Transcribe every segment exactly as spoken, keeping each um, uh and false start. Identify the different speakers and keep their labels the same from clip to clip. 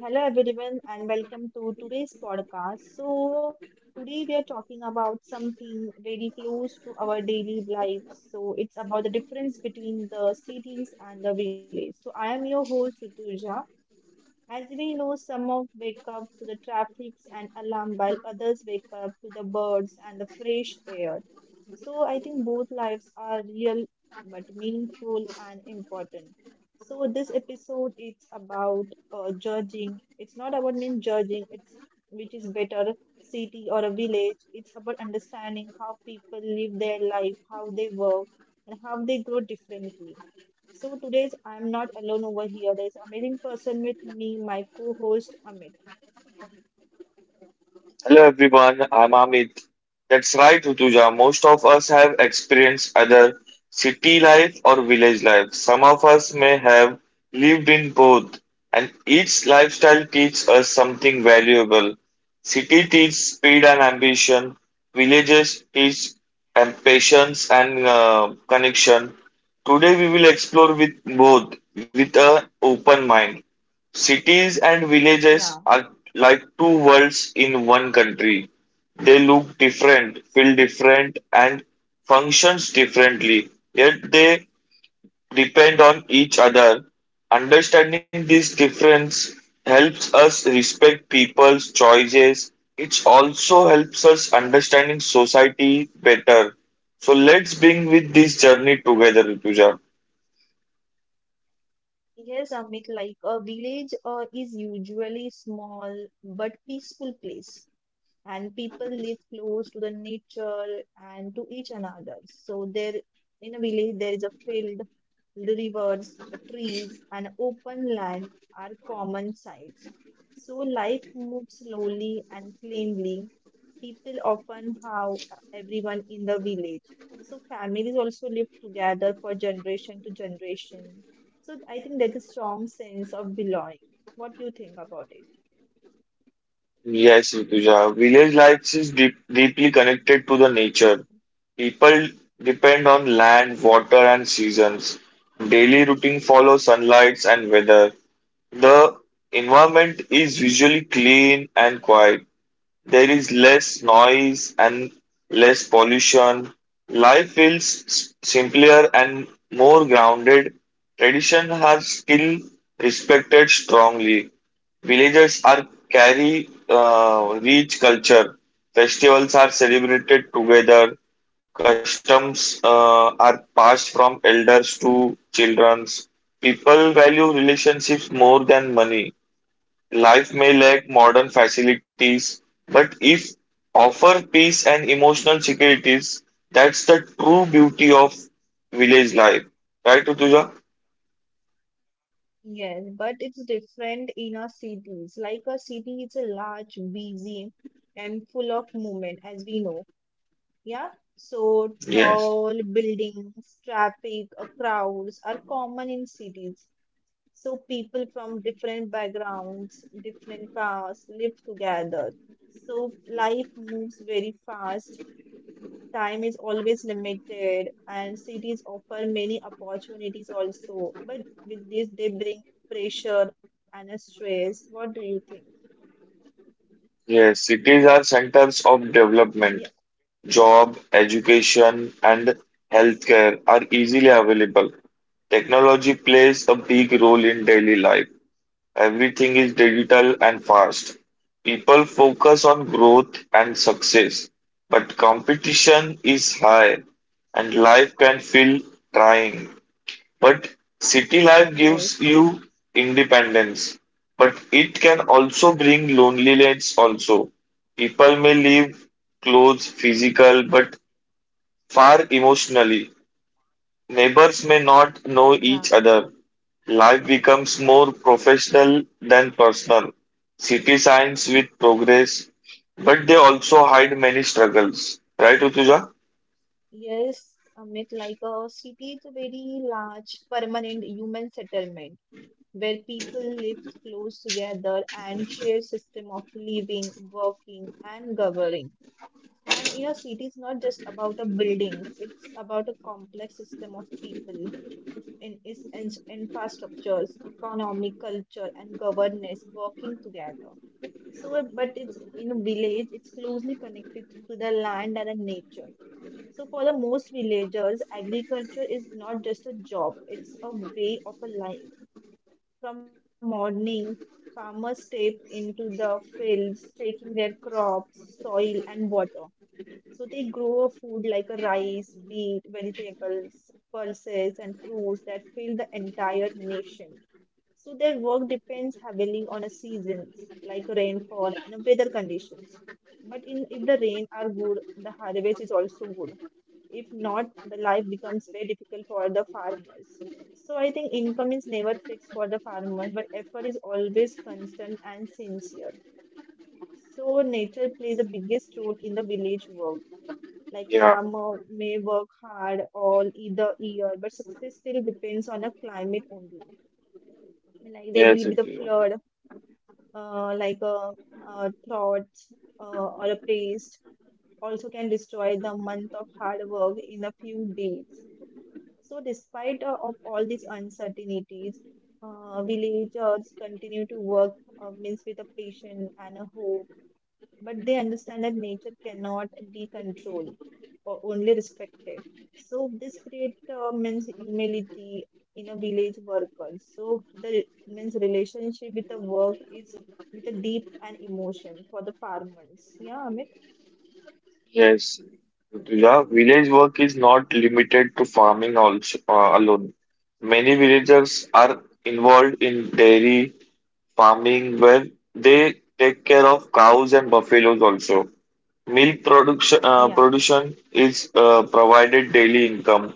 Speaker 1: Hello everyone and welcome to today's podcast. So today we are talking about something very close to our daily life. So it's about the difference between the cities and the village. So I am your host Rutuja as we know, some of wake up to the traffics and alarm, while others wake up to the birds and the fresh air. So I think both lives are real but meaningful and important. So this episode is about uh, judging. It's not about mean judging. It's which is better city or a village. It's about understanding how people live their life, how they work, and how they grow differently. So today's I'm not alone over here. There's amazing person with me, my co-host Amit.
Speaker 2: Hello everyone, I'm Amit. That's right, Rutuja. Most of us have experienced either city life or village life. Some of us may have lived in both, and each lifestyle teaches us something valuable. City teaches speed and ambition, villages teach um, patience and uh, connection. Today we will explore with both with an open mind. Cities and villages
Speaker 1: Yeah.
Speaker 2: are like two worlds in one country. They look different, feel different, and functions differently, yet they depend on each other. Understanding this difference helps us respect people's choices. It also helps us understanding society better. So let's bring with this journey together, Rituja.
Speaker 1: Yes, Amit, like a village uh, is usually small but peaceful place, and people live close to the nature and to each another. So there, in a village, there is a field, rivers, uh, trees, and open land are common sights. So life moves slowly and cleanly, people often have everyone in the village. So families also live together for generation to generation. So I think there's a strong sense of belonging. What do you think about it?
Speaker 2: Yes, Rituja. Village life is deep, deeply connected to the nature. People depend on land, water, and seasons. Daily routine follows sunlight and weather. The environment is usually clean and quiet. There is less noise and less pollution. Life feels s- simpler and more grounded. Tradition are still respected strongly. Villages are carry
Speaker 1: Yeah.
Speaker 2: uh, rich culture. Festivals are celebrated together. Customs uh, are passed from elders to children. People value relationships more than money. Life may lack modern facilities, but if offer peace and emotional securities, that's the true beauty of village life. Right, Rutuja?
Speaker 1: Yes, but it's different in our cities. Like a city, it's a large, busy, and full of movement, as we know. Yeah, so
Speaker 2: Yes.
Speaker 1: tall buildings, traffic, uh, crowds are common in cities. So people from different backgrounds, different castes live together. So life moves very fast. Time is always limited, and cities offer many opportunities also. But with this, they bring pressure and a stress. What do you think?
Speaker 2: Yes, cities are centers of
Speaker 1: Yeah.
Speaker 2: development. Job, education, and healthcare are easily available. Technology plays a big role in daily life. Everything is digital and fast. People focus on growth and success, but competition is high and life can feel trying. But city life gives
Speaker 1: Yes.
Speaker 2: you independence, but it can also bring loneliness also. People may live close physical but far emotionally. Neighbors may not know
Speaker 1: Yeah.
Speaker 2: each other. Life becomes more professional than personal. City signs with progress, but they also hide many struggles. Right, Utuja?
Speaker 1: Yes. Amit, like a city is a very large permanent human settlement where people live close together and share system of living, working, and governing. And in a city, it's not just about a buildings; it's about a complex system of people in its in- infrastructures, economic, culture, and governance working together. So, uh, but it's in a village, it's closely connected to the land and the nature. So, for the most villagers, agriculture is not just a job; it's a way of a life from morning, farmers step into the fields, taking their crops, soil, and water. So they grow food like a rice, wheat, vegetables, pulses, and fruits that fill the entire nation. So their work depends heavily on a seasons like rainfall and weather conditions. But in if the rain are good, the harvest is also good. If not, the life becomes very difficult for the farmers. So I think income is never fixed for the farmer, but effort is always constant and sincere. So nature plays the biggest role in the village work. Like
Speaker 2: Yeah.
Speaker 1: farmer may work hard all either year, but success still depends on a climate only. Like there
Speaker 2: Yes,
Speaker 1: will be the
Speaker 2: Utuja.
Speaker 1: flood, uh, like a, uh thoughts uh, or a place also can destroy the month of hard work in a few days. So, despite uh, of all these uncertainties, uh, villagers continue to work uh, means with a patience and a hope but they understand that nature cannot be controlled or only respected. So this creates uh, means humility in a village workers. So the means relationship with the work is with a deep and emotion for the farmers. Yeah, Amit.
Speaker 2: Yes. Utuja, village work is not limited to farming also, uh, alone. Many villagers are involved in dairy, farming where they take care of cows and buffaloes also. Milk production, uh,
Speaker 1: Yeah,
Speaker 2: production is uh, provided daily income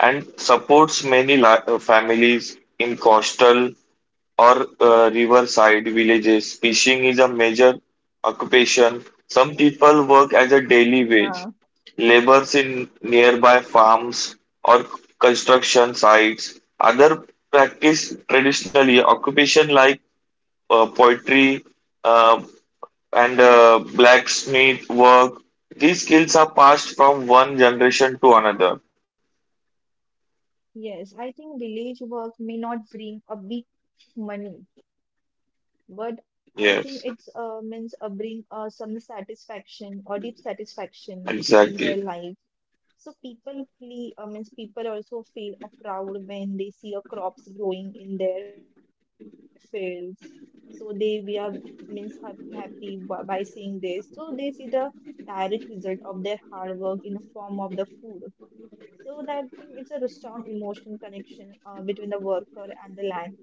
Speaker 2: and supports many li- uh, families in coastal or uh, riverside villages. Fishing is a major occupation. Some people work as a
Speaker 1: yeah,
Speaker 2: daily wage, labors in nearby farms or construction sites. Other practice traditionally occupation like uh, poetry, uh, and uh, blacksmith work. These skills are passed from one generation to another.
Speaker 1: yes. I think village work may not bring a big money, but I think it's uh, means
Speaker 2: Yes,
Speaker 1: uh, bring uh, some satisfaction or deep satisfaction in their life.
Speaker 2: exactly.
Speaker 1: So people feel, I means people also feel a proud when they see a crops growing in their fields. So they we are means ha- happy by, by seeing this. So they see the direct result of their hard work in the form of the food. So that thing it's a strong emotional connection uh, between the worker and the land.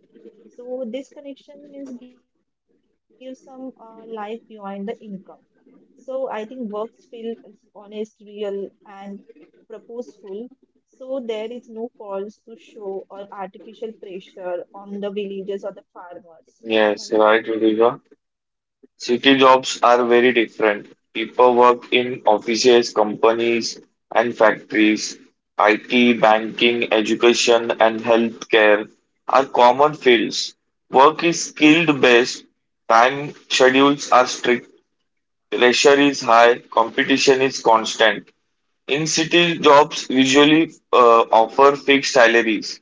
Speaker 1: So this connection means gives some uh, life behind the income. So I think works feel honest, real, and purposeful. So there is no false to show or artificial pressure on the villagers or the farmers. Yeah, Mamit?
Speaker 2: Yes, right, Vidya. City jobs are very different. People work in offices, companies, and factories. I T, banking, education, and healthcare are common fields. Work is skilled based. Time schedules are strict, pressure is high, competition is constant. In city, jobs usually uh, offer fixed salaries.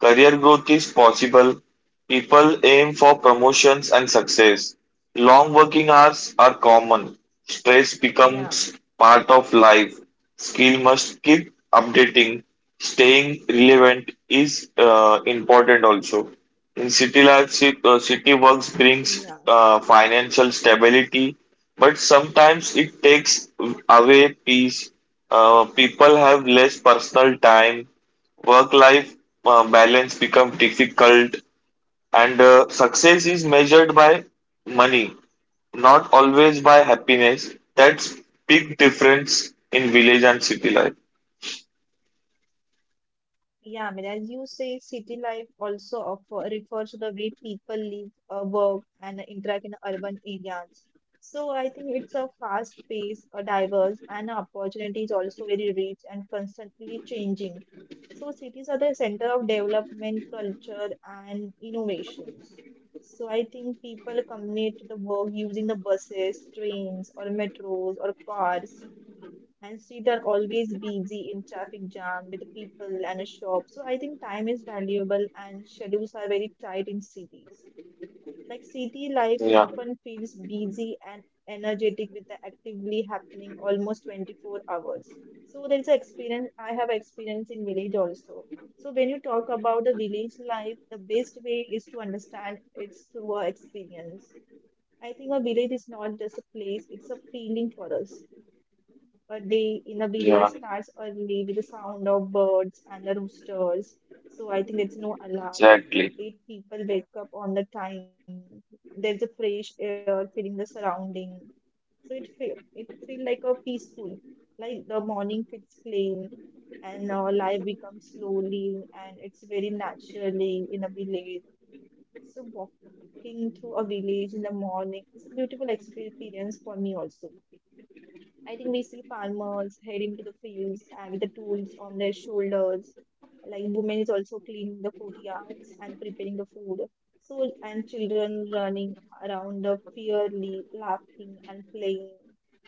Speaker 2: Career growth is possible. People aim for promotions and success. Long working hours are common.
Speaker 1: Yeah,
Speaker 2: Stress becomes part of life. Skill must keep updating. Staying relevant is uh, important also. In city life, ci- uh, city works brings
Speaker 1: yeah.
Speaker 2: uh, financial stability, but sometimes it takes away peace. Uh, people have less personal time, work life uh, balance become difficult, and uh, success is measured by money, not always by happiness. That's big difference in village and city life.
Speaker 1: Yeah, I mean, as you say, city life also offer, refers to the way people live, uh, work, and interact in urban areas. So I think it's a fast pace, a diverse, and opportunity is also very rich and constantly changing. So cities are the center of development, culture, and innovations. So I think people commute to the work using the buses, trains, or metros, or cars and streets are always busy in traffic jam with people and a shop. So I think time is valuable and schedules are very tight in cities. Like city life
Speaker 2: Yeah,
Speaker 1: often feels busy and energetic with the actively happening almost twenty-four hours. So there is a experience I have experience in village also. So when you talk about the village life, the best way is to understand it's through our experience. I think a village is not just a place, it's a feeling for us. A day in a village
Speaker 2: yeah,
Speaker 1: starts early with the sound of birds and the roosters. So I think there's no alarm.
Speaker 2: exactly.
Speaker 1: Eight people wake up on the time. There's a fresh air filling the surrounding. So it feel it feel like a peaceful, like the morning feels clean and our life becomes slowly and it's very naturally in a village. So walking through a village in the morning is a beautiful experience for me also. I think we see farmers heading to the fields and with the tools on their shoulders. Like women is also cleaning the courtyards and preparing the food. So and children running around the fairly laughing and playing.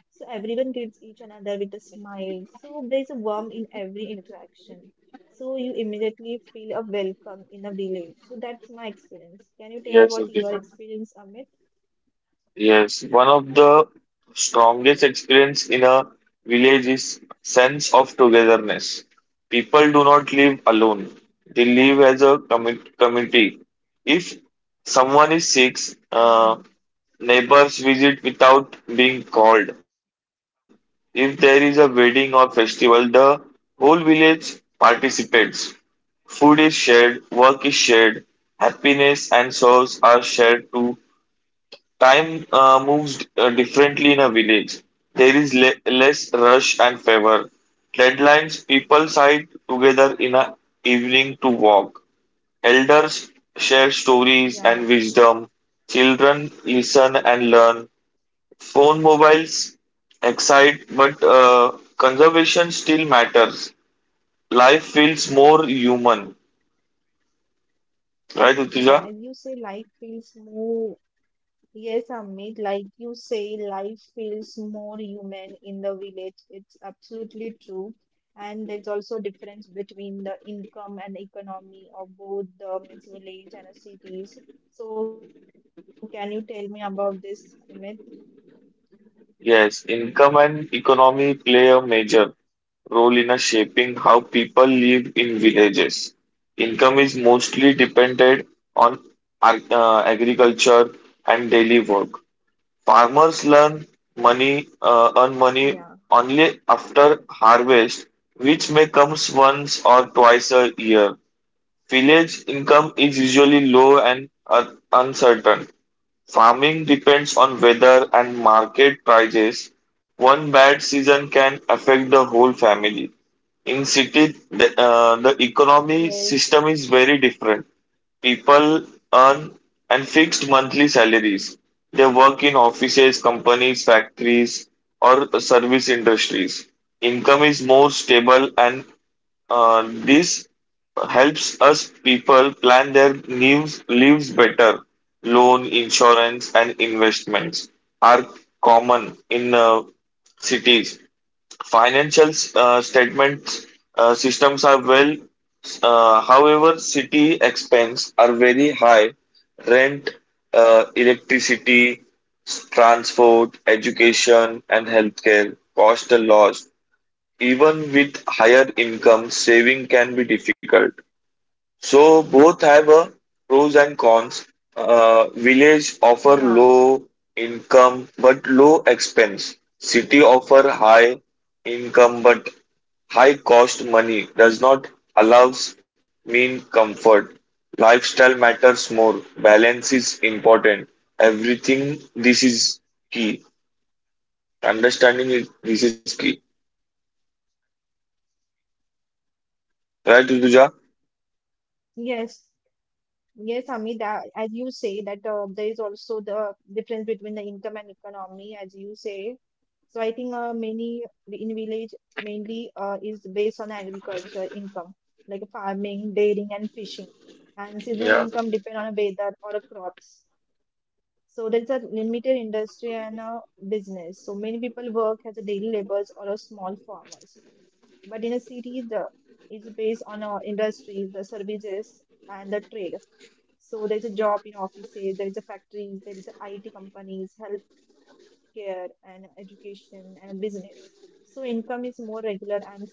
Speaker 1: So everyone greets each another with a smile. So there's a warmth in every interaction. So you immediately feel a welcome in a village. So that's my experience. Can you tell
Speaker 2: Yes,
Speaker 1: about
Speaker 2: okay.
Speaker 1: your experience, Amit?
Speaker 2: Yes, one of the strongest
Speaker 1: Yeah,
Speaker 2: experience in a village is sense of togetherness. People do not live alone. They live as a commu- community. If someone is sick, uh,
Speaker 1: yeah,
Speaker 2: neighbors visit without being called. If there is a wedding or festival, the whole village participates. Food is shared, work is shared, happiness and sorrows are shared too. Time uh, moves uh, differently in a village. There is le less rush and favor. Deadlines, people side together in a evening to walk. Elders share stories
Speaker 1: yeah.
Speaker 2: and wisdom. Children listen and learn. Phone mobiles excite, but uh, conservation still matters. Life feels more human. Right,
Speaker 1: Yeah,
Speaker 2: Utuja?
Speaker 1: as you say, life feels more, yes, Amit, like you say, life feels more human in the village. It's absolutely true. And there's also difference between the income and economy of both the means village and the cities. So can you tell me about this, Amit?
Speaker 2: Yes, income and economy play a major role in a shaping how people live in villages. Income is mostly dependent on ar- uh, agriculture and daily work. Farmers learn money,
Speaker 1: Yeah.
Speaker 2: uh, earn money only after harvest, which may comes once or twice a year. Village income is usually low and uh, uncertain. Farming depends on weather and market prices. One bad season can affect the whole family. In city, the, uh, the economy
Speaker 1: Yes.
Speaker 2: system is very different. People earn and fixed monthly salaries. They work in offices, companies, factories, or service industries. Income is more stable and uh, this helps us people plan their new lives better. Loan, insurance, and investments are common in uh, cities. Financial uh, statements uh, systems are well. Uh, however, city expense are very high. Rent,
Speaker 1: Yeah.
Speaker 2: uh, electricity, transport, education, and healthcare cost a lot. Even with higher income, saving can be difficult. So both have a pros and cons.
Speaker 1: Yeah.
Speaker 2: Uh, village offer low income but low expense. City offer high income but high cost, money does not allows mean comfort. Lifestyle matters more. Balance is important. Everything this is key. Understanding it, this is key. Right, Uduja?
Speaker 1: Yes. Yes, Amit, that as you say that uh, there is also the difference between the income and economy, as you say. So I think uh, many in village mainly uh, is based on agriculture income, like farming, dairying, and fishing. And seasonal
Speaker 2: Yeah,
Speaker 1: income depend on weather or a crops. So there's a limited industry and a business. So many people work as a daily laborers or a small farmers. But in a city, the it's based on uh, industries, the services, and the trade. So there's a job in offices, there is a factories, there is a I T companies, healthcare, and education and business. So income is more regular and stable.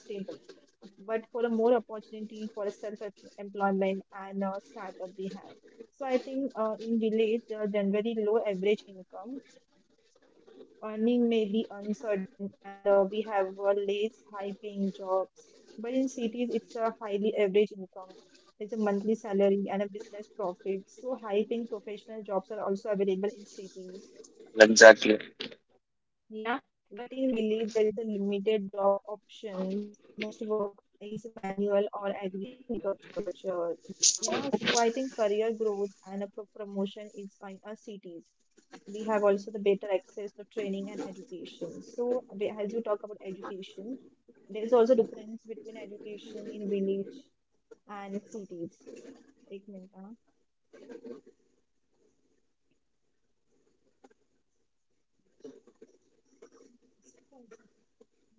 Speaker 1: But for a more opportunity for a self-employment and a startup we have. So I think uh, in village there are generally low average income, earning may be uncertain, and uh, we have uh, less high-paying jobs. But in cities, it's a highly average income there's a monthly salary and a business profit. So high-paying professional jobs are also available in cities.
Speaker 2: exactly.
Speaker 1: Yeah, but in village there is a limited job options. Most work is manual or agriculture. Yeah, so I think career growth and a pro- promotion is in our cities. We have also the better access to training and education. So we- as you talk about education, there is also difference between education in village and cities. एक minute हाँ 是在做。